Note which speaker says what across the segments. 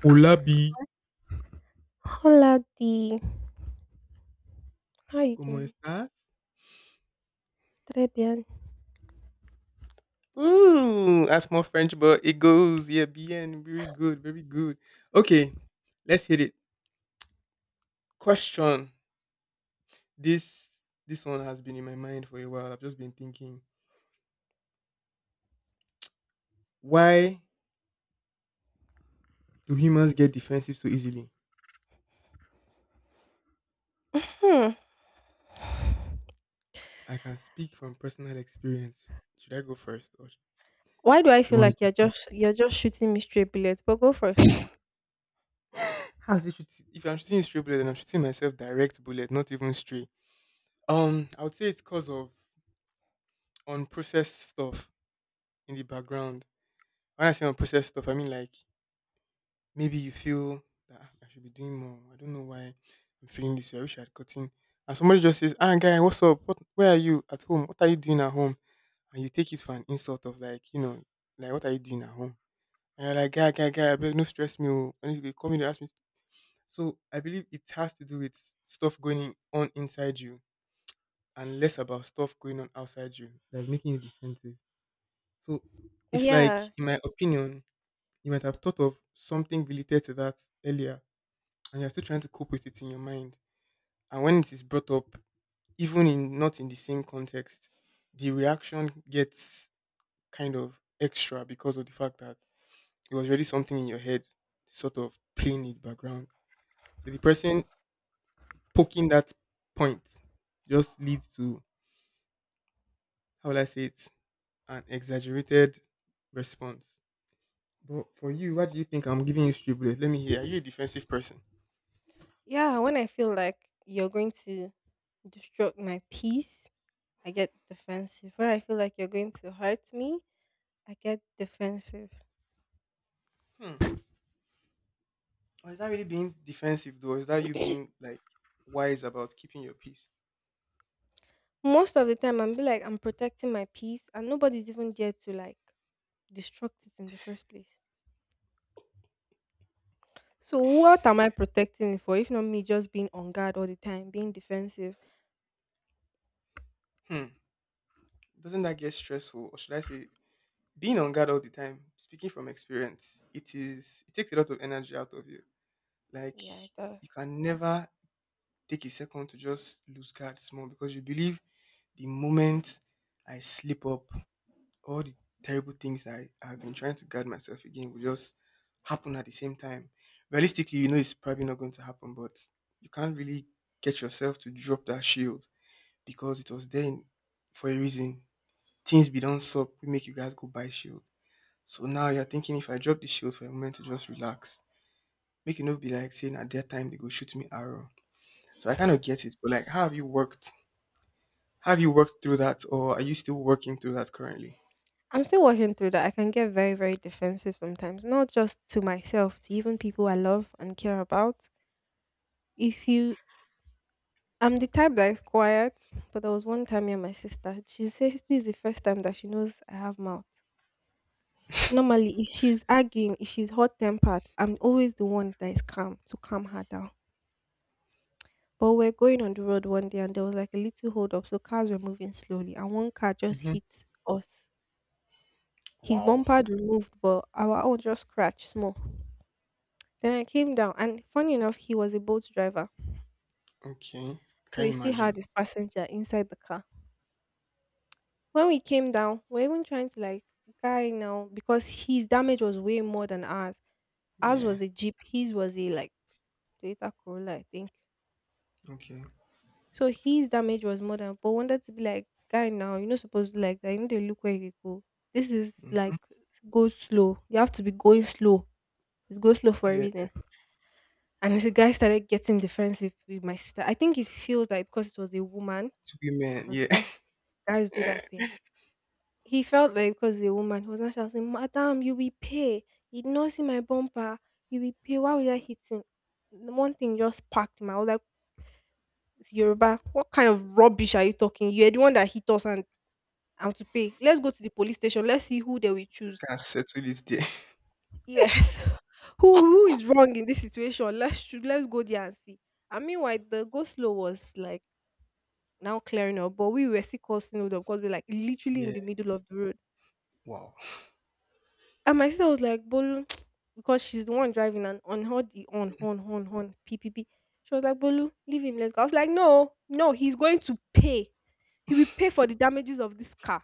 Speaker 1: Hola, B.
Speaker 2: Hola D. How you
Speaker 1: ¿Cómo
Speaker 2: doing?
Speaker 1: estás?
Speaker 2: Très bien.
Speaker 1: Ooh, that's more French, but it goes. Yeah, bien. Very good. Very good. Okay, let's hit it. Question. This one has been in my mind for a while. I've just been thinking, why do humans get defensive so easily?
Speaker 2: Hmm.
Speaker 1: I can speak from personal experience. Should I go first, or sh-
Speaker 2: Why do I
Speaker 1: You
Speaker 2: feel
Speaker 1: want to
Speaker 2: like
Speaker 1: go
Speaker 2: you're
Speaker 1: first?
Speaker 2: just you're just shooting me straight bullets? But go first.
Speaker 1: How's it? If I'm shooting straight bullet, then I'm shooting myself direct bullet, not even stray. I would say it's because of unprocessed stuff in the background. When I say unprocessed stuff, I mean like maybe you feel that, "Ah, I should be doing more. I don't know why I'm feeling this way. I wish I had gotten." And somebody just says, "Ah, guy, what's up? What? Where are you at home? What are you doing at home?" And you take it for an insult of like, like what are you doing at home? And you're like, "Guy, guy, guy, I beg, no stress me. Oh." And if they come in, they ask me. So I believe it has to do with stuff on inside you and less about stuff going on outside you, like making you defensive. So it's like,
Speaker 2: Yeah.
Speaker 1: in my opinion, you might have thought of something related to that earlier and you're still trying to cope with it in your mind. And when it is brought up, even in not in the same context, the reaction gets kind of extra because of the fact that it was already something in your head sort of playing it background. So the person poking that point just leads to, how will I say it, an exaggerated response. But for you, why do you think I'm giving you street bullets? Let me hear. Are you a defensive person?
Speaker 2: Yeah. When I feel like you're going to disrupt my peace, I get defensive. When I feel like you're going to hurt me, I get defensive.
Speaker 1: Hmm. Or is that really being defensive though? Is that you being like wise about keeping your peace?
Speaker 2: Most of the time I'm be like I'm protecting my peace and nobody's even there to like destruct it in the first place. So what am I protecting it for if not me just being on guard all the time, being defensive?
Speaker 1: Hmm. Doesn't that get stressful? Or should I say being on guard all the time, speaking from experience, it is it takes a lot of energy out of you. Like
Speaker 2: Yeah, it does.
Speaker 1: you can never take a second to just lose guard small because you believe the moment I slip up, all the terrible things I've been trying to guard myself against will just happen at the same time. Realistically, you know it's probably not going to happen, but you can't really get yourself to drop that shield because it was for a reason. Things be done sup, we make you guys go buy shield. So now you're thinking if I drop the shield for a moment to just relax, make you not be like saying at that time they go shoot me arrow. So I kind of get it, but like, how have you worked? Have you worked through that, or are you still working through that currently?
Speaker 2: I'm still working through that. I can get very, very defensive sometimes, not just to myself, to even people I love and care about. If you, I'm the type that is quiet, but there was one time me and my sister, she says this is the first time that she knows I have mouth. Normally, if she's arguing, if she's hot tempered, I'm always the one that is calm to calm her down. But we're going on the road one day and there was like a little hold up, so cars were moving slowly, and one car just
Speaker 1: Hmm.
Speaker 2: hit us. His
Speaker 1: Wow.
Speaker 2: bumper had removed, but our own just scratched small. Then I came down, and funny enough, he was a boat driver.
Speaker 1: Okay.
Speaker 2: So
Speaker 1: Can
Speaker 2: he
Speaker 1: you
Speaker 2: still had
Speaker 1: imagine?
Speaker 2: his passenger inside the car. When we came down, we're even trying to like guy now because his damage was way more than ours. Ours
Speaker 1: Yeah.
Speaker 2: was a jeep, his was a like Toyota Corolla, I think.
Speaker 1: Okay.
Speaker 2: So his damage was more than. But wanted to be like guy now, you're not supposed to like that. You need to look where you go. This is like go slow. You have to be going slow. It's go slow for a
Speaker 1: Yeah.
Speaker 2: reason. And the guy started getting defensive with my sister. I think he feels like because it was a woman.
Speaker 1: It's women.
Speaker 2: 'Cause
Speaker 1: Yeah.
Speaker 2: guy guys do that thing. He felt like because the woman, he was not shouting, "Madam, you will pay. You did not see my bumper. You will pay. Why were you hitting?" The one thing just sparked him. I was like, "It's Yoruba. What kind of rubbish are you talking? You're the one that hit us and I'm to pay. Let's go to the police station. Let's see who they will
Speaker 1: Let's
Speaker 2: choose."
Speaker 1: kind of settle this there.
Speaker 2: Yes. Who is wrong in this situation? Let's let's go there and see. And meanwhile, the go slow was like now clearing up, but we were still causing hold up because we're like literally in
Speaker 1: Yeah.
Speaker 2: the middle of the road.
Speaker 1: Wow.
Speaker 2: And my sister was like, Bolu, because she's the one driving and on her the on, p, p, p. She was like, Bolu, leave him, let's go. I was like, no, no, he's going to pay. He will pay for the damages of this car.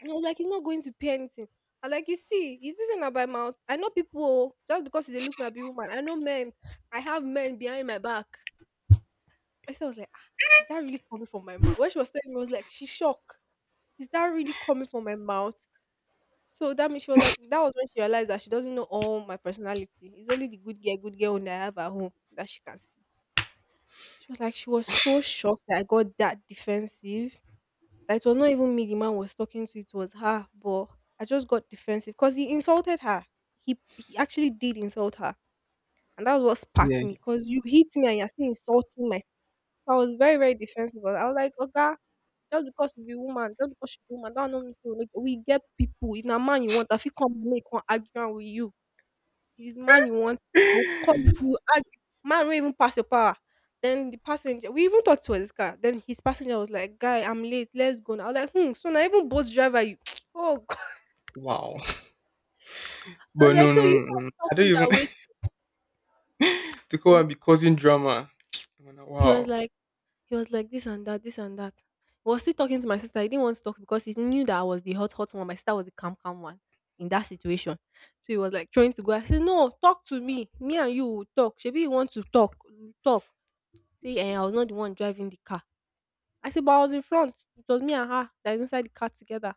Speaker 2: And I was like, he's not going to pay anything. I like, you see, is this an about mouth? I know people, oh, just because they look me, I be woman. I know men. I have men behind my back. My sister was like, ah, is that really coming from my mouth? When she was telling me, I was like, she's shocked. Is that really coming from my mouth? So that means she was like, that was when she realized that she doesn't know all my personality. It's only the good girl when I have at home that she can see. She was like, she was so shocked that I got that defensive. That it was not even me the man was talking to, it was her. But I just got defensive because he insulted her. He actually did insult her. And that was what sparked
Speaker 1: Yeah.
Speaker 2: me because you hit me and you're still insulting my. I was very, very defensive. I was like, Oga, just because you be woman, just because you be woman, that don't mean say we get people. If na man you want, I fit come make one argument with you. If it's man you want, I will call you argue. Man won't even pass your power. Then the passenger, we even thought it was his car. Then his passenger was like, "Guy, I'm late. Let's go." Now. I was like, "Hmm." So now even both driver, you, oh God.
Speaker 1: Wow.
Speaker 2: I
Speaker 1: But
Speaker 2: was
Speaker 1: no,
Speaker 2: like, "So
Speaker 1: no,
Speaker 2: you
Speaker 1: no, no,
Speaker 2: and
Speaker 1: no.
Speaker 2: the
Speaker 1: I don't even
Speaker 2: passenger
Speaker 1: to go
Speaker 2: waiting?"
Speaker 1: and be causing drama. I'm like,
Speaker 2: He was
Speaker 1: wow.
Speaker 2: like. He was like this and that, this and that. He was still talking to my sister. He didn't want to talk because he knew that I was the hot, hot one. My sister was the calm, calm one in that situation. So he was like trying to go. I said, no, talk to me. Me and you will talk. Maybe you want to talk. Talk. See, and I was not the one driving the car. I said, but I was in front. It was me and her that is inside the car together.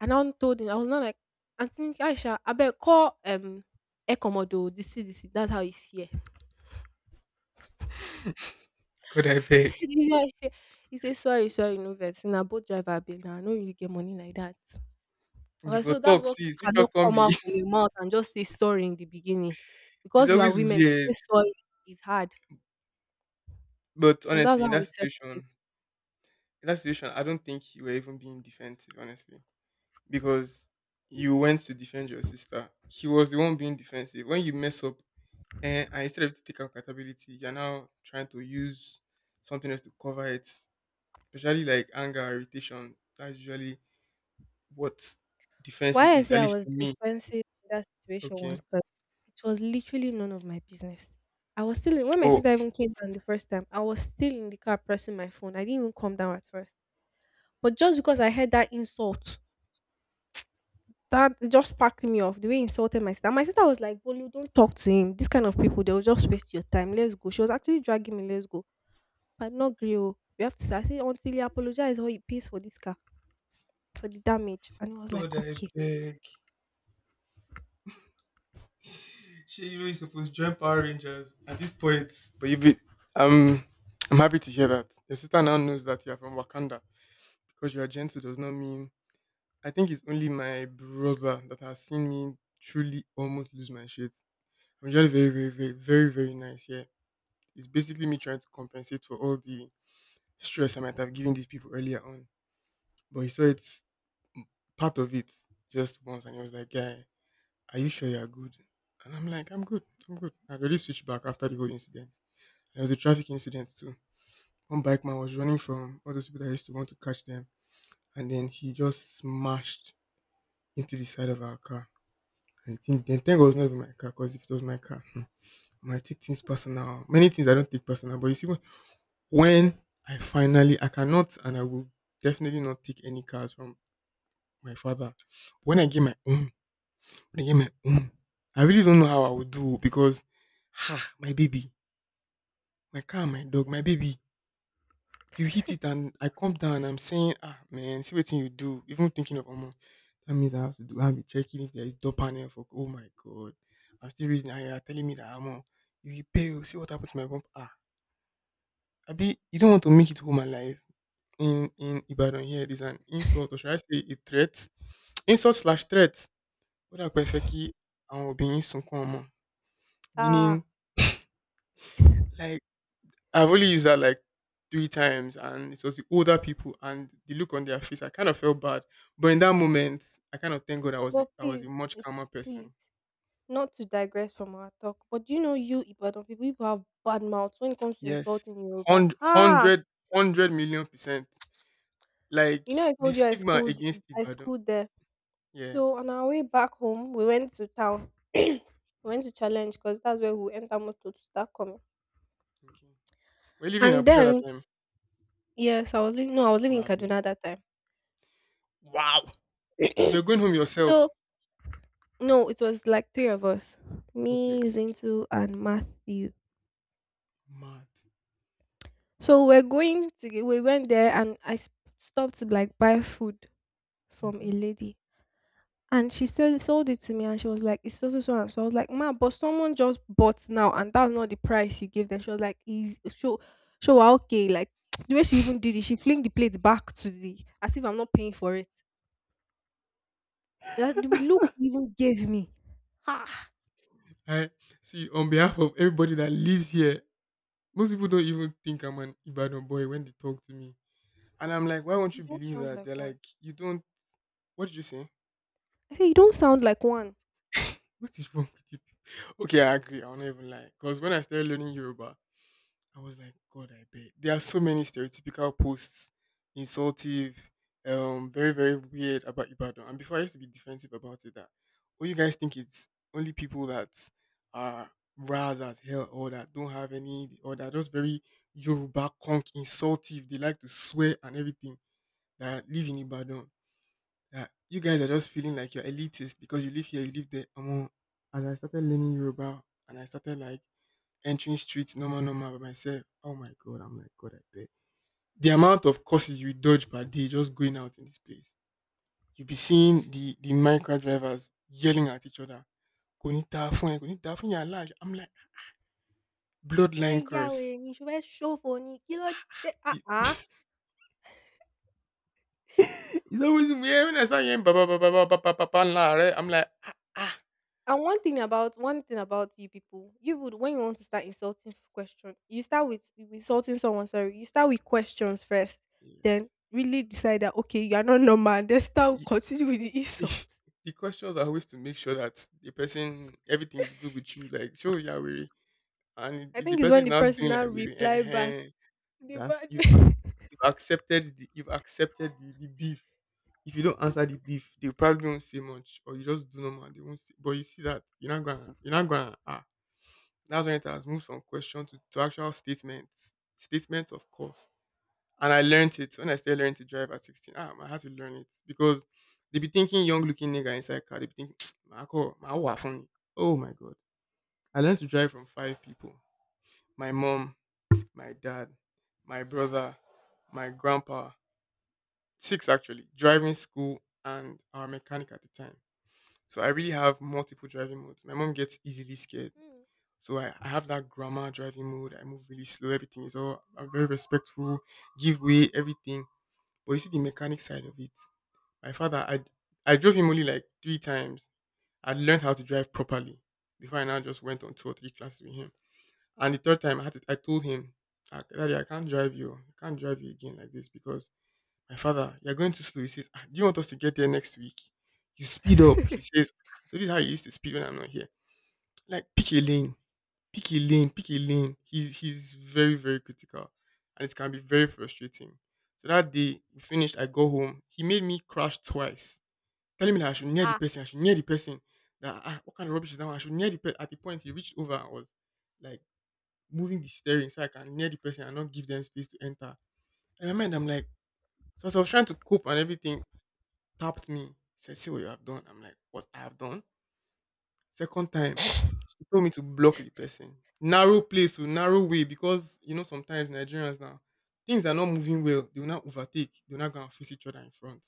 Speaker 2: And I now told him, I was not like, Auntie Aisha, I better call Ecomodo, the CDC. That's how he fear.
Speaker 1: Could I beg?
Speaker 2: The guy here, he say sorry, sorry, no vex. Na both driver abeg now I no really get money like that. I was
Speaker 1: You for
Speaker 2: like, so
Speaker 1: talk,
Speaker 2: that's what
Speaker 1: sis. Which one
Speaker 2: cannot
Speaker 1: can
Speaker 2: come
Speaker 1: be?
Speaker 2: out from your mouth and just say sorry in the beginning.
Speaker 1: It's
Speaker 2: Because we are
Speaker 1: always
Speaker 2: women, to say
Speaker 1: weird.
Speaker 2: sorry is hard.
Speaker 1: But
Speaker 2: And that's
Speaker 1: honestly,
Speaker 2: how we settled it.
Speaker 1: in that situation, I don't think you were even being defensive, honestly. Because you went to defend your sister. He was the one being defensive. When you mess up, eh, and instead of you to take accountability, you're now trying to use something else to cover it, especially like anger, irritation. That's usually what defensive
Speaker 2: Why I
Speaker 1: is,
Speaker 2: say
Speaker 1: at
Speaker 2: I
Speaker 1: least
Speaker 2: was
Speaker 1: to me.
Speaker 2: defensive in that situation was
Speaker 1: Okay.
Speaker 2: because it was literally none of my business. I was still in, when my
Speaker 1: Oh,
Speaker 2: sister even came down the first time, I was still in the car pressing my phone. I didn't even come down at first. But just because I heard that insult. That just packed me off the way he insulted my sister. My sister was like, Bolu, don't talk to him. These kind of people, they'll just waste your time. Let's go. She was actually dragging me, let's go. But not grill. We have to say, I say, until you apologize or he pays for this car, for the damage. And I was like,
Speaker 1: God, I
Speaker 2: okay.
Speaker 1: beg. Sure, you know you're supposed to join Power Rangers at this point. But you be, um, I'm happy to hear that. Your sister now knows that you're from Wakanda because you are gentle does not mean. I think it's only my brother that has seen me truly almost lose my shit. I'm usually very, very, very, very, very nice. Yeah. It's basically me trying to compensate for all the stress I might have given these people earlier on. But he saw it, part of it, just once and he was like, "Guy, are you sure you're good?" And I'm like, I'm good. I already switched back after the whole incident. There was a traffic incident too. One bike man was running from all those people that used to want to catch them and then he just smashed into the side of our car. Then thank God it was not even my car, because if it was my car, hmm, I might take things personal. Many things I don't take personal, but you see, when I finally I cannot and I will definitely not take any cars from my father. When I get my own, when I get my own, I really don't know how I would do because ha, my baby, my car, my dog, my baby. You hit it and I come down. I'm saying, ah man, see what thing you do. Even thinking of almost that means I have to do. I'll be checking if there is door panel for. Oh my god, I'm still reading, and you are telling me that I'm on. You repair. Oh, see what happened to my bump. Ah, I be. You don't want to make it home alive. In Ibadan here it is an insult or should I say a threat? Insult slash threat. Ó dà pé ẹ fẹ́ kí àwọn òbí yín.
Speaker 2: Ah,
Speaker 1: Meaning like I've only used that like three times and it was the older people and the look on their face I kind of felt bad. But in that moment I kind of thank God
Speaker 2: but
Speaker 1: I was a
Speaker 2: please,
Speaker 1: much
Speaker 2: eh,
Speaker 1: calmer person.
Speaker 2: please, not to digress from our talk, but do you know you Ibadan people, people have bad mouths when it comes to
Speaker 1: Yes.
Speaker 2: insulting Yoruba.
Speaker 1: Hundred
Speaker 2: Ah,
Speaker 1: hundred hundred million percent. Like
Speaker 2: you know I
Speaker 1: the
Speaker 2: told you
Speaker 1: stigma against
Speaker 2: I
Speaker 1: Ibadan.
Speaker 2: schooled there.
Speaker 1: Yeah.
Speaker 2: So on our way back home, we went to town, we went to challenge because that's where we enter motor to start coming.
Speaker 1: Okay. We're living in
Speaker 2: And
Speaker 1: Abuja that
Speaker 2: then
Speaker 1: time.
Speaker 2: yes, I was living. No, I was living in
Speaker 1: Mad. Oh.
Speaker 2: Kaduna that time.
Speaker 1: Wow. You were going home yourself.
Speaker 2: So no, it was like three of us,
Speaker 1: Okay,
Speaker 2: me,
Speaker 1: okay, okay.
Speaker 2: Zintu, and Matthew.
Speaker 1: Mad.
Speaker 2: So we're going to get- we went there and I stopped to like buy food from
Speaker 1: Hmm.
Speaker 2: a lady. And she said sold it to me and she was like, it's so so so and so. I was like, Ma, but someone just bought now and that's not the price you gave them. She was like, is so so wa okay, like the way she even did it, she fling the plate back to the as if I'm not paying for it. That the look she even gave me. Ha,
Speaker 1: I see. On behalf of everybody that lives here, most people don't even think I'm an Ibadan boy when they talk to me, and I'm like, why won't
Speaker 2: you
Speaker 1: you
Speaker 2: don't
Speaker 1: believe
Speaker 2: sound
Speaker 1: that?
Speaker 2: like
Speaker 1: They're
Speaker 2: one.
Speaker 1: like, you don't. What did you say?
Speaker 2: I said, you don't sound like one.
Speaker 1: What is wrong with you people?" Okay, I agree. I'll not even lie. Cause when I started learning Yoruba, I was like, God, I bet. There are so many stereotypical posts, insultive, very, very weird about Ibadan. And before I used to be defensive about it that oh you guys think it's only people that are ras as hell or that don't have any or that are just very Yoruba conk insultive, they like to swear and everything that live in Ibadan. That you guys are just feeling like you're elitist because you live here, you live there. As I started learning Yoruba and I started like entering streets normal normal by myself. Oh my god, I'm like, God, I bet. The amount of courses you dodge per day just going out in this place. You'll be seeing the micro drivers yelling at each other. Konita phone, you're large. I'm like,
Speaker 2: Show her,
Speaker 1: bloodline curse.
Speaker 2: yeah, show her show for me. Kilo de- ah
Speaker 1: It-
Speaker 2: ah.
Speaker 1: It's always weird when I start hearing baba baba baba baba baba la, right? I'm like, ah ah.
Speaker 2: And one thing about you people, you would when you want to start insulting question, you start with insulting someone. Sorry, you start with questions first,
Speaker 1: Yes.
Speaker 2: then really decide that okay, you are not normal. And then start
Speaker 1: The,
Speaker 2: continue with the insult.
Speaker 1: the questions are always to make sure that the person everything is good with you. Like, show you are weary. And
Speaker 2: I
Speaker 1: if the
Speaker 2: think it's
Speaker 1: person
Speaker 2: when
Speaker 1: is
Speaker 2: the
Speaker 1: not
Speaker 2: person
Speaker 1: doing
Speaker 2: now
Speaker 1: like weary,
Speaker 2: reply back
Speaker 1: uh-huh,
Speaker 2: the
Speaker 1: that's
Speaker 2: bad way.
Speaker 1: you've accepted the you've accepted the beef. If you don't answer the beef, they probably won't say much, or you just do normal. They won't say, but you see that you're not gonna ah. That's when it has moved from question to actual statements. Statements, of course. And I learned it when I started learning to drive at 16. Ah, I had to learn it because they be thinking young looking nigga inside car. They be thinking, my call, my wa funny. Oh my god. I learned to drive from five people. My mom, my dad, my brother, my grandpa, six actually, driving school and our mechanic at the time. So I really have multiple driving modes. My mom gets easily scared. So I have that grandma driving mode. I move really slow. Everything is all, I'm very respectful, give way, everything. But you see the mechanic side of it. My father, I, I drove him only like three times. I learned how to drive properly before I now just went on two or three classes with him. And the third time I had to, I told him, "Ah, Daddy, I can't drive you. I can't drive you again like this because my father, you're going too slow." He says, "Ah, do you want us to get there next week? You speed up."
Speaker 2: Hmm.
Speaker 1: He says, "Ah, so this is how you used to speed when I'm not here." Like, pick a lane, pick a lane, pick a lane. He's very, very critical. And it can be very frustrating. So that day, we finished. I go home. He made me crash twice, telling me that I should near the person. I should near the person. What kind of rubbish is that? One? I should near the person. At the point, he reached over. I was like moving the steering so I can near the person and not give them space to enter. In my mind, I'm like, so as I was trying to cope and everything, tapped me, said, "See what you have done." I'm like, "What I have done?" Second time, he told me to block the person. Narrow place to narrow way, because sometimes Nigerians now, things are not moving well. They will not overtake. They will not go and face each other in front.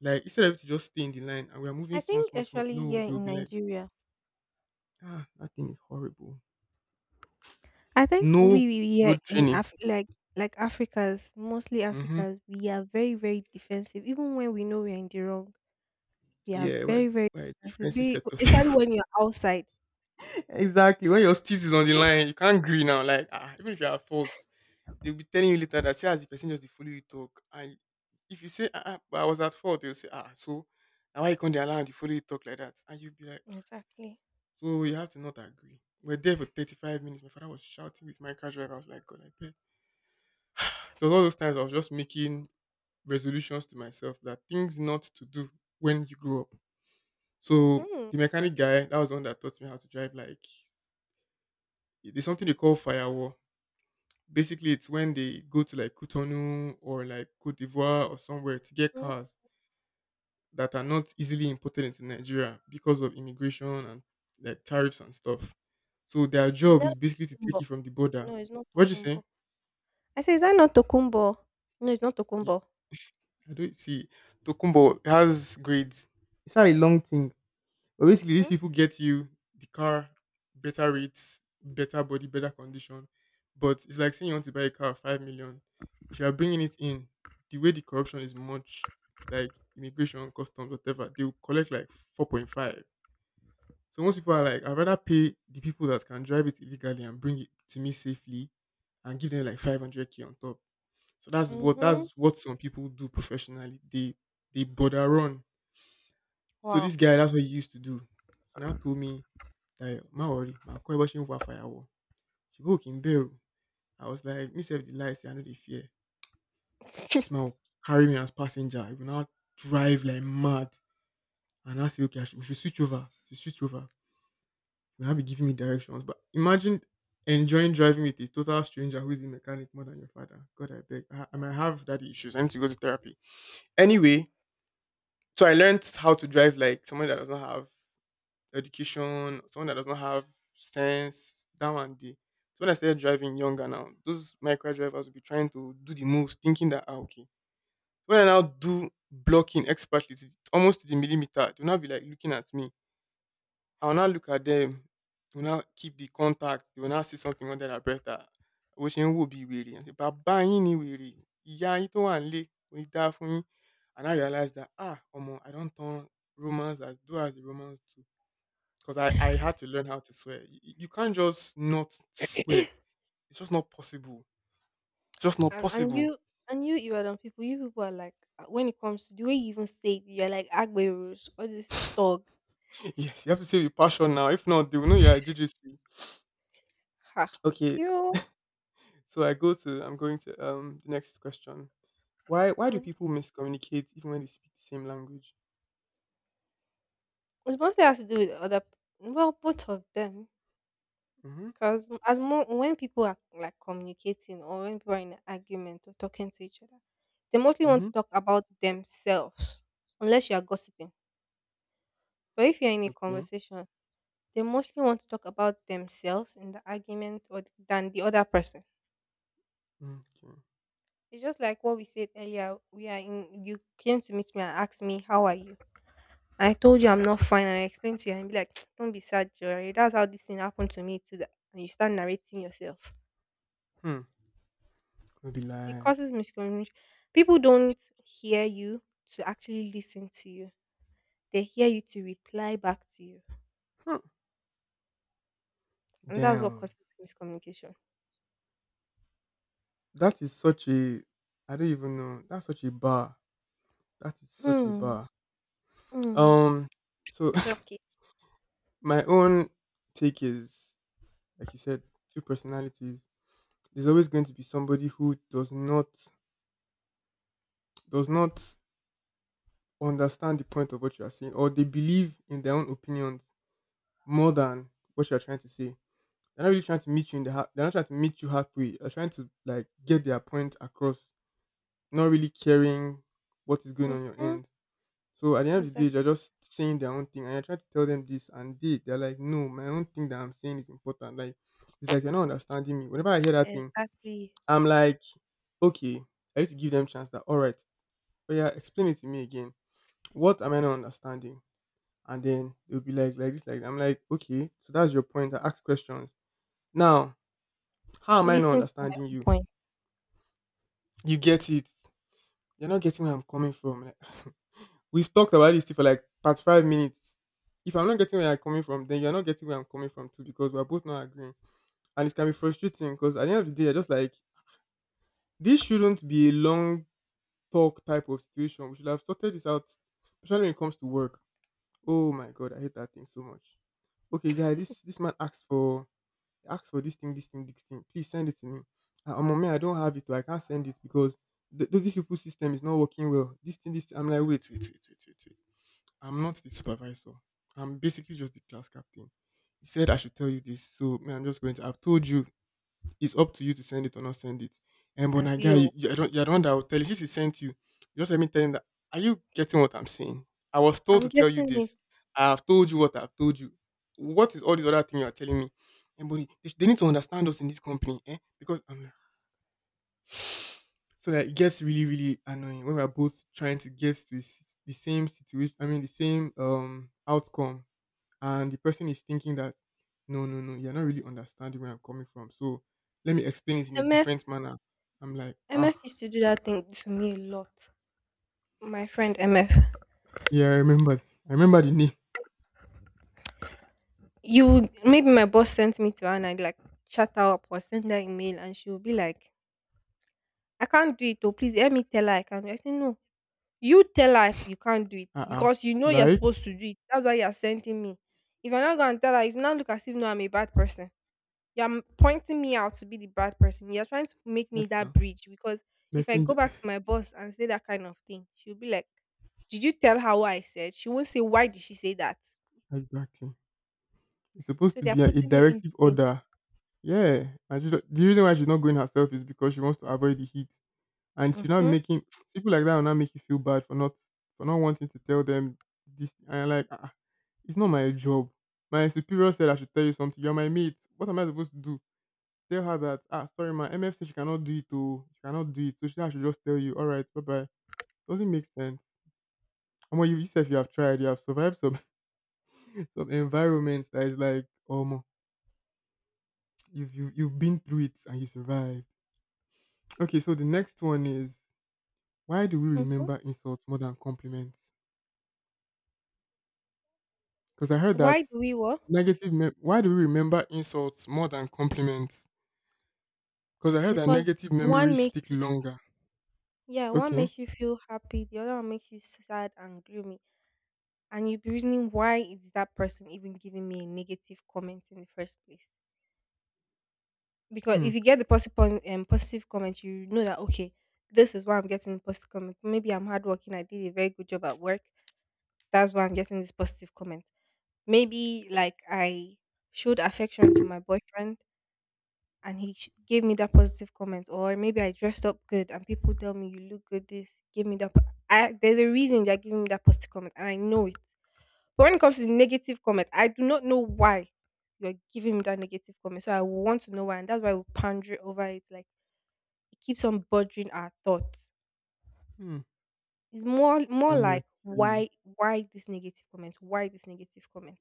Speaker 1: Like, instead of it to just stay in the line and we are moving
Speaker 2: I
Speaker 1: small,
Speaker 2: think
Speaker 1: small, small,
Speaker 2: actually
Speaker 1: no,
Speaker 2: here
Speaker 1: they will
Speaker 2: in
Speaker 1: be like,
Speaker 2: Nigeria,
Speaker 1: ah, that thing is horrible.
Speaker 2: I think
Speaker 1: No
Speaker 2: we here
Speaker 1: road
Speaker 2: in
Speaker 1: training.
Speaker 2: Like Africans, mostly
Speaker 1: Mm-hmm.
Speaker 2: Africans, we are very very defensive, even when we know we're in the wrong. Yeah,
Speaker 1: Yeah, but we're
Speaker 2: very, very
Speaker 1: we're a
Speaker 2: expensive.
Speaker 1: defensive
Speaker 2: Be
Speaker 1: set of
Speaker 2: especially
Speaker 1: people.
Speaker 2: when you're outside.
Speaker 1: Exactly. When your steez is on the line, you can't agree now. Like, ah, even if you're at fault, they'll be telling you later that, "See as the person just dey follow you talk." And if you say, "Ah ah, but I was at fault," they'll say, "Ah ah, so na why you come dey allow and dey follow you talk like that?" And you'll be like, "Ah."
Speaker 2: Exactly.
Speaker 1: So you have to not agree. We're there for 35 minutes. My father was shouting with my car driver. I was like, "God, I beg." So it was all those times I was just making resolutions to myself, that things not to do when you grow up. So
Speaker 2: Hmm.
Speaker 1: the mechanic guy, that was the one that taught me how to drive. Like, there's something they call firewall. Basically, it's when they go to like Cotonou or like Cote d'Ivoire or somewhere to get
Speaker 2: Mm.
Speaker 1: cars that are not easily imported into Nigeria because of immigration and like tariffs and stuff. So their
Speaker 2: Is
Speaker 1: job
Speaker 2: that
Speaker 1: is basically to take it
Speaker 2: Tokumbo?
Speaker 1: from the border.
Speaker 2: No, it's not
Speaker 1: What'd you say?
Speaker 2: Tokumbo. I say, is that not Tokumbo? No, it's not
Speaker 1: Ye-
Speaker 2: Tokumbo.
Speaker 1: I don't see. Tokumbo has grades. It's not a long thing. But basically, these
Speaker 2: Mm?
Speaker 1: people get you the car, better rates, better body, better condition. But it's like saying you want to buy a car of 5 million. If you are bringing it in, the way the corruption is much, like immigration, customs, whatever, they will collect like 4.5. So most people are like, "I'd rather pay the people that can drive it illegally and bring it to me safely," and give them like 500K on top. So that's what
Speaker 2: Mm-hmm.
Speaker 1: that's what some people do professionally. They border run. So this
Speaker 2: Wow.
Speaker 1: guy, that's what he used to do. He now told me like, "Ma worry, my call bó ṣe ń wa fàyàwọ́. Ṣèbí ò kí ń bẹ̀rù?" I was like, "Me sef dey lie say I know the fear." This man will carry me as passenger. He will now drive like mad, and I say, "Okay, I should, we should switch over. We should switch over." He will now be giving me directions. But imagine enjoying driving with a total stranger who is a mechanic more than your father. God, I beg. I might have daddy issues. I need to go to therapy. Anyway, so I learned how to drive like someone that does not have education, someone that does not have sense, down and day. So when I started driving younger now, those micro drivers will be trying to do the most, thinking that, "Ah, okay." When I now do blocking expertly, almost to the millimeter, they will not be like looking at me. I will now look at them. They will now keep the contact. They will now see something under their breath, that wishing would be weary. And say, "Baba, you ni weary. Yeah, you don't want lay. We die for me." And I realized that, ah, omo, I don't turn Romans as do as the Romans do, because I had to learn how to swear. You can't just not swear. It's just not possible. It's just not
Speaker 2: and and
Speaker 1: possible.
Speaker 2: you and you Ibadan people, you people are like when it comes to the way you even say it, you're like Agberos or this dog.
Speaker 1: Yes, you have to say with passion now. If not, they will know you're a JJC.
Speaker 2: Ha.
Speaker 1: Okay,
Speaker 2: Cute.
Speaker 1: so I'm going to the next question. Why do
Speaker 2: Mm-hmm.
Speaker 1: people miscommunicate even when they speak the same language?
Speaker 2: It mostly has to do with other, well, both of them.
Speaker 1: Mm-hmm.
Speaker 2: Because as more when people are like communicating or when people are in an argument or talking to each other, they mostly want
Speaker 1: Mm-hmm.
Speaker 2: to talk about themselves, unless you are gossiping. But if you're in a
Speaker 1: Okay.
Speaker 2: conversation, they mostly want to talk about themselves in the argument or than the other person.
Speaker 1: Okay.
Speaker 2: It's just like what we said earlier. We are in. You came to meet me and asked me how are you. I told you I'm not fine, and I explained to you, and be like, "Don't be sad, Joy. That's how this thing happened to me too." And you start narrating yourself.
Speaker 1: Hmm. We'll be
Speaker 2: It
Speaker 1: like
Speaker 2: causes miscommunication. People don't hear you to actually listen to you. They hear you to reply back to you,
Speaker 1: hmm.
Speaker 2: and that's what
Speaker 1: Damn.
Speaker 2: causes miscommunication.
Speaker 1: That is such a, I don't even know. That's such a bar. That is such a
Speaker 2: Hmm.
Speaker 1: bar.
Speaker 2: Hmm.
Speaker 1: Um. So
Speaker 2: Clock it.
Speaker 1: my own take is, like you said, two personalities. There's always going to be somebody who does not, does not understand the point of what you are saying, or they believe in their own opinions more than what you are trying to say. They're not really trying to meet you in the they're not trying to meet you halfway. They're trying to like get their point across, not really caring what is going on your
Speaker 2: Mm-hmm.
Speaker 1: end. So at the end of the day,
Speaker 2: Exactly.
Speaker 1: they're just saying their own thing, and I try to tell them this, and they're like, "No, my own thing that I'm saying is important." Like, it's like you're not understanding me. Whenever I hear that thing,
Speaker 2: Exactly.
Speaker 1: I'm like, okay, I need to give them chance. That all right, oh yeah, explain it to me again. What am I not understanding? And then they'll be like this, like that. I'm like, okay, so that's your point. I ask questions. Now, how am I not
Speaker 2: Listen to my
Speaker 1: understanding
Speaker 2: own
Speaker 1: you?
Speaker 2: point,
Speaker 1: You get it. You're not getting where I'm coming from. Like, we've talked about this thing for like past 5 minutes. If I'm not getting where you're coming from, then you're not getting where I'm coming from too, because we're both not agreeing. And it can be frustrating, because at the end of the day, you're just like, this shouldn't be a long talk type of situation. We should have sorted this out, especially when it comes to work. Oh my God, I hate that thing so much. Okay, guys, this man asked for this thing, this thing, this thing. Please send it to me. I'm a man, I don't have it, or I can't send it because this people's system is not working well. This thing, this thing. I'm like, wait, wait, wait, wait, wait, wait. I'm not the supervisor. I'm basically just the class captain. He said I should tell you this, so me, I'm just going to. I've told you. It's up to you to send it or not send it. And but my guy,
Speaker 2: Abil.
Speaker 1: I don't, you're the one that will tell. If this is sent to you, just let me tell him that. Are you getting what I'm saying? I was told
Speaker 2: I'm
Speaker 1: to tell you
Speaker 2: getting it.
Speaker 1: this. I've told you what I've told you. What is all this other thing you are telling me? And but they need to understand us in this company, eh? Because I'm like, so that it gets really, really annoying when we're both trying to get to the the same situation, I mean, the same outcome, and the person is thinking that, "No, no, no, you're not really understanding where I'm coming from. So let me explain it in a
Speaker 2: MF
Speaker 1: different manner." I'm like, ah,
Speaker 2: MF used to do that thing to me a lot. My friend MF.
Speaker 1: yeah, I remember. I remember the name.
Speaker 2: You maybe my boss sent me to her and I like chat her up or send her email and she will be like, "I can't do it. Oh, please let me tell her I can do it." I say no. You tell her you can't do it
Speaker 1: Uh.
Speaker 2: because you know you're
Speaker 1: Right?
Speaker 2: supposed to do it. That's why you're sending me. If I'm not gonna tell her, you now look as if no, I'm a bad person. Pointing me out to be the bad person. You're trying to make me
Speaker 1: Yes,
Speaker 2: that
Speaker 1: now.
Speaker 2: bridge because if I go
Speaker 1: Messenger.
Speaker 2: back to my boss and say that kind of thing, she'll be like, "Did you tell her what I said?" She won't say why did she say that?
Speaker 1: Exactly. It's supposed
Speaker 2: So
Speaker 1: to
Speaker 2: they're
Speaker 1: be a
Speaker 2: putting me in
Speaker 1: directive
Speaker 2: between.
Speaker 1: order. Yeah. And she, the reason why she's not going herself is because she wants to avoid the heat. And she not
Speaker 2: Mm-hmm.
Speaker 1: making people like that will not make you feel bad for not wanting to tell them this. And you're like, ah, it's not my job. My superior said I should tell you something. You're my mate. What am I supposed to do? Tell her that, "Ah, sorry, my MF said she cannot do it. Oh, she cannot do it. So she I should just tell you. All right, bye bye." Doesn't make sense. And what you yourself, you have tried. You have survived some some environments that is like, have you have been through it and you survived. Okay, so the next one is, why do we
Speaker 2: Mm-hmm.
Speaker 1: remember insults more than compliments? Because I heard
Speaker 2: Why
Speaker 1: that
Speaker 2: do we what?
Speaker 1: negative. Me- Why do we remember insults more than compliments? Because I heard that
Speaker 2: Because
Speaker 1: negative
Speaker 2: one
Speaker 1: memories
Speaker 2: makes
Speaker 1: stick
Speaker 2: you,
Speaker 1: longer.
Speaker 2: yeah, one
Speaker 1: Okay.
Speaker 2: makes you feel happy, the other one makes you sad and gloomy, and you'll be reasoning why is that person even giving me a negative comment in the first place? Because
Speaker 1: Hmm.
Speaker 2: if you get the positive point, positive comment, you know that okay, this is why I'm getting positive comment. Maybe I'm hardworking, I did a very good job at work, that's why I'm getting this positive comment. Maybe like I showed affection to my boyfriend and gave me that positive comment, or maybe I dressed up good and people tell me you look good, this give me that I, there's a reason they're giving me that positive comment and I know it, but when it comes to the negative comment I do not know why you're giving me that negative comment, so I want to know why, and that's why we ponder over it, like it keeps on bothering our thoughts.
Speaker 1: Hmm.
Speaker 2: It's more like
Speaker 1: Honestly.
Speaker 2: why this negative comment, why this negative comment.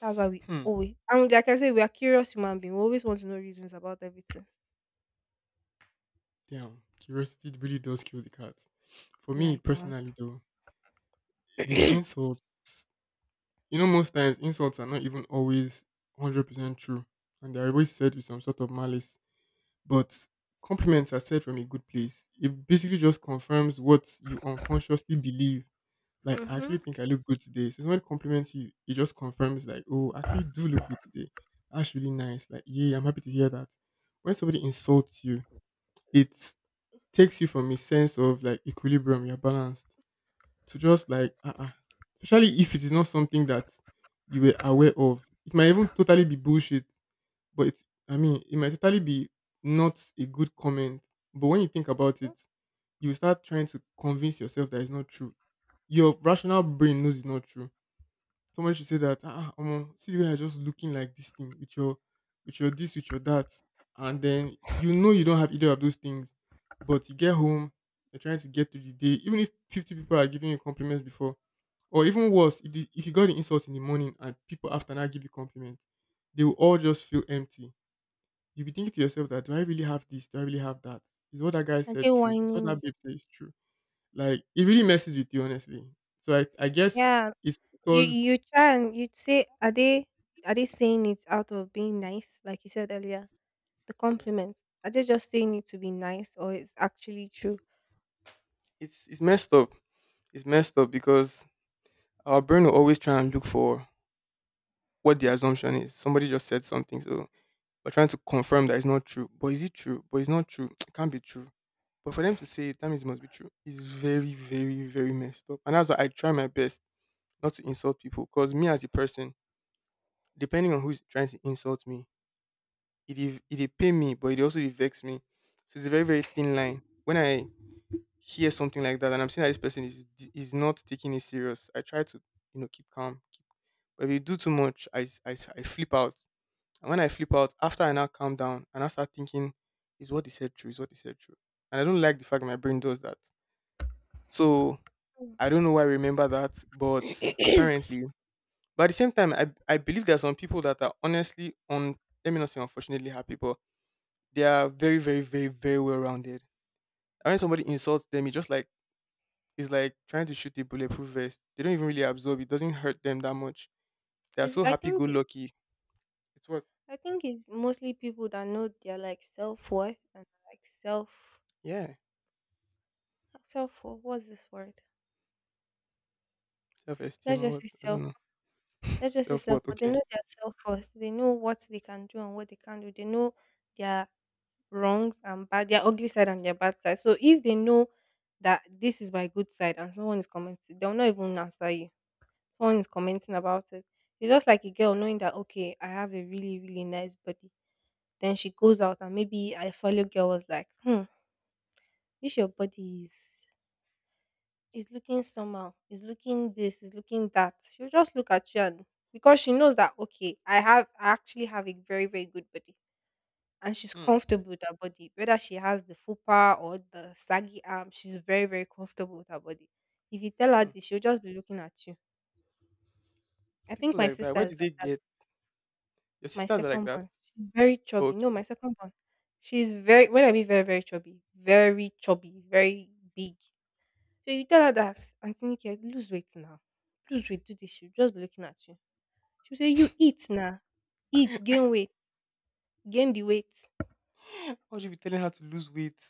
Speaker 2: That's why we
Speaker 1: Hmm.
Speaker 2: always, and like I say, we are curious human beings, we always want to know reasons about everything.
Speaker 1: Damn. Curiosity really does kill the cat. For
Speaker 2: Yeah,
Speaker 1: me
Speaker 2: it does.
Speaker 1: personally, though, the insults. You know, most times insults are not even always 100% true, and they're always said with some sort of malice. But compliments are said from a good place. It basically just confirms what you unconsciously believe. Like, I actually
Speaker 2: Hmm.
Speaker 1: think I look good today. So someone compliments you, it just confirms like, oh, I actually do look good today. That's really nice. Like, yeah, I'm happy to hear that. When somebody insults you, it takes you from a sense of like equilibrium, you're balanced, to just like, uh-uh. Especially if it is not something that you were aware of. It might even totally be bullshit, but it's, I mean, it might totally be not a good comment. But when you think about it, you start trying to convince yourself that it's not true. Your rational brain knows it's not true. Somebody should say that, ah, see you are just looking like this thing with your this, with your that, and then you know you don't have either of those things, but you get home, you're trying to get through the day, even if 50 people are giving you compliments before, or even worse, if the, if you got the insult in the morning and people after now give you compliments, they will all just feel empty. You'll be thinking to yourself that, do I really have this? Do I really have that? Is what that guy
Speaker 2: Are
Speaker 1: said
Speaker 2: they
Speaker 1: true? Is what
Speaker 2: whining
Speaker 1: that
Speaker 2: me?
Speaker 1: babe said is true? Like it really messes with you, honestly. So I guess
Speaker 2: Yeah.
Speaker 1: it's
Speaker 2: You
Speaker 1: because
Speaker 2: try and you say, are they, are they saying it out of being nice, like you said earlier? The
Speaker 1: yeah.
Speaker 2: compliments. Are they just saying it to be nice or it's actually true?
Speaker 1: It's messed up. It's messed up because our brain will always try and look for what the assumption is. Somebody just said something, so we're trying to confirm that it's not true. But is it true? But it's not true. It can't be true. But for them to say it, that means it must be true. It's very, very, very messed up. And that's why I try my best not to insult people. Because me as a person, depending on who's trying to insult me, it dey pain me, but it also dey vex me. So it's a very, very thin line. When I hear something like that and I'm seeing that this person is not taking it serious, I try to you know keep calm. Keep, but if you do too much, I flip out. And when I flip out, after I now calm down and I start thinking, is what they said true? Is what they said true? And I don't like the fact my brain does that. So
Speaker 2: Mm.
Speaker 1: I don't know why I remember that, but apparently, but at the same time, I believe there are some people that are honestly on. Let me not say unfortunately happy, but they are very very very very well rounded. And when somebody insults them, it just like it's like trying to shoot a bulletproof vest. They don't even really absorb it. Doesn't hurt them that much. They are
Speaker 2: It's,
Speaker 1: so
Speaker 2: I
Speaker 1: happy go
Speaker 2: think it,
Speaker 1: lucky. It's what?
Speaker 2: I think it's mostly people that know their like self worth and like self,
Speaker 1: Yeah,
Speaker 2: self, what's this word?
Speaker 1: self esteem
Speaker 2: Let's
Speaker 1: or
Speaker 2: just
Speaker 1: what?
Speaker 2: say
Speaker 1: I don't
Speaker 2: self,
Speaker 1: know.
Speaker 2: let's just say
Speaker 1: Self
Speaker 2: self
Speaker 1: worth.
Speaker 2: worth. They
Speaker 1: Okay.
Speaker 2: know their self worth. They know what they can do and what they can't do. They know their wrongs and bad, their ugly side and their bad side. So if they know that this is my good side and someone is commenting, they'll not even answer you. Someone is commenting about it. It's just like a girl knowing that okay, I have a really, really nice body. Then she goes out and maybe a fellow girl was like, "Hmm, this your body is looking somehow, is looking this, is looking that." She'll just look at you, and because she knows that okay, I have, I actually have a very, very good body and she's
Speaker 1: Hmm.
Speaker 2: comfortable with her body. Whether she has the fupa or the saggy arm, she's very, very comfortable with her body. If you tell her
Speaker 1: Hmm.
Speaker 2: this, she'll just be looking at you. I think
Speaker 1: People
Speaker 2: my
Speaker 1: like that.
Speaker 2: sister
Speaker 1: Where do
Speaker 2: is
Speaker 1: they
Speaker 2: like that.
Speaker 1: get? Your
Speaker 2: My
Speaker 1: sisters are like
Speaker 2: second
Speaker 1: that.
Speaker 2: born, she's very chubby. No, my
Speaker 1: Okay.
Speaker 2: second born, she's very, when I mean very, very chubby, very chubby, very big. So you tell her that, "Auntie Nikki, lose weight now. Lose weight, do this." She'll just be looking at you. She'll say, "You eat now. Eat, gain weight, gain the weight."
Speaker 1: Why would you be telling her to lose weight?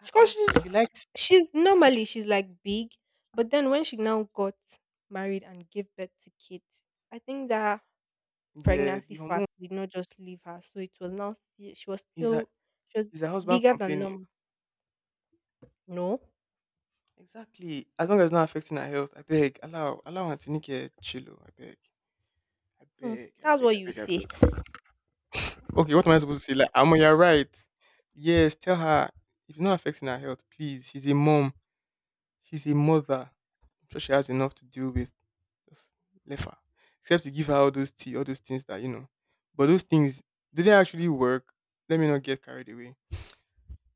Speaker 1: Ah,
Speaker 2: Because
Speaker 1: ah.
Speaker 2: she's
Speaker 1: She likes.
Speaker 2: She's normally she's like big, but then when she now got married and gave birth to kids, I think that
Speaker 1: Yeah,
Speaker 2: pregnancy
Speaker 1: the
Speaker 2: fat
Speaker 1: hormone
Speaker 2: did not just leave her, so it was now she was
Speaker 1: is her.
Speaker 2: still, she was
Speaker 1: Is her husband
Speaker 2: bigger than
Speaker 1: complaining?
Speaker 2: normal. No.
Speaker 1: Exactly. As long as it's not affecting her health, I beg. Allow, allow Auntie Nike chillo. I beg. I
Speaker 2: Hmm.
Speaker 1: beg. I
Speaker 2: That's
Speaker 1: beg.
Speaker 2: what
Speaker 1: I
Speaker 2: you
Speaker 1: beg. I
Speaker 2: say.
Speaker 1: beg. Okay, what am I supposed to say? Like, Amo, you're right. Yes, tell her if it's not affecting her health. Please, she's a mom. She's a mother. I'm sure she has enough to deal with. Just leave her. Except to give her all those tea, all those things that you know. But those things, do they actually work? Let me not get carried away.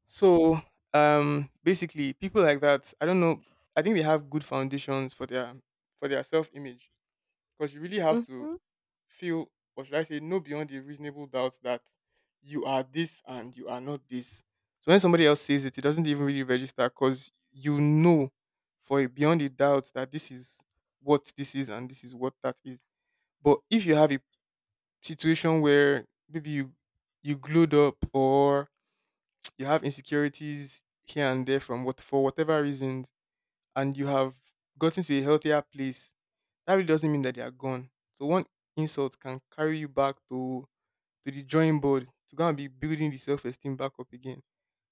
Speaker 1: So, basically, people like that, I don't know. I think they have good foundations for their self image because you really have to
Speaker 2: Mm-hmm.
Speaker 1: feel or should I say know beyond a reasonable doubt that you are this and you are not this. So when somebody else says it, it doesn't even really register because you know for a beyond a doubt that this is what this is and this is what that is. But if you have a situation where maybe you glued up or you have insecurities here and there from what for whatever reasons and you have gotten to a healthier place, that really doesn't mean that they are gone. So one insult can carry you back to the drawing board to go and be building the self esteem back up again.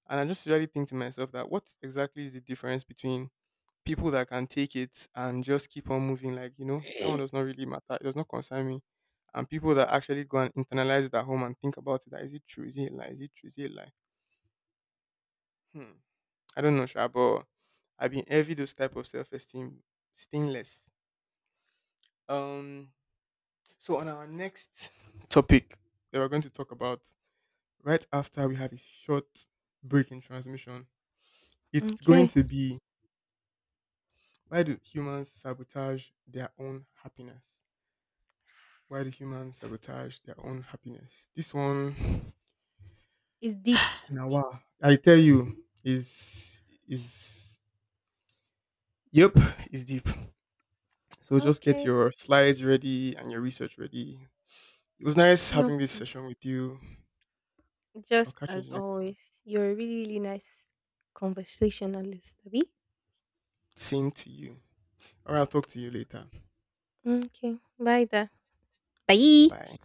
Speaker 1: And I just really think to myself that what exactly is the difference between people that can take it and just keep on moving, like, you know, that one does not really matter. It does not concern me. And people that actually go and internalize it at home and think about it, that is it true? Is it a lie? Is it true? Is it a lie? Hmm. I don't know, Sha, but I've been envy those type of self esteem stainless. Um so on our next topic that we're going to talk about right after we have a short break in transmission, it's going
Speaker 2: Okay,
Speaker 1: to be why do humans sabotage their own happiness? Why do humans sabotage their own happiness? This one,
Speaker 2: it's deep.
Speaker 1: Nawa, I tell you, is yep, is deep. So just get
Speaker 2: Okay,
Speaker 1: your slides ready and your research ready. It was nice
Speaker 2: no
Speaker 1: having this
Speaker 2: problem.
Speaker 1: session with you. I'll
Speaker 2: Just
Speaker 1: catch you in
Speaker 2: as
Speaker 1: the next one.
Speaker 2: always, you're a really, really nice conversationalist, Abby.
Speaker 1: Same to you. All right, I'll talk to you later.
Speaker 2: Okay, bye there. Bye.
Speaker 1: Bye.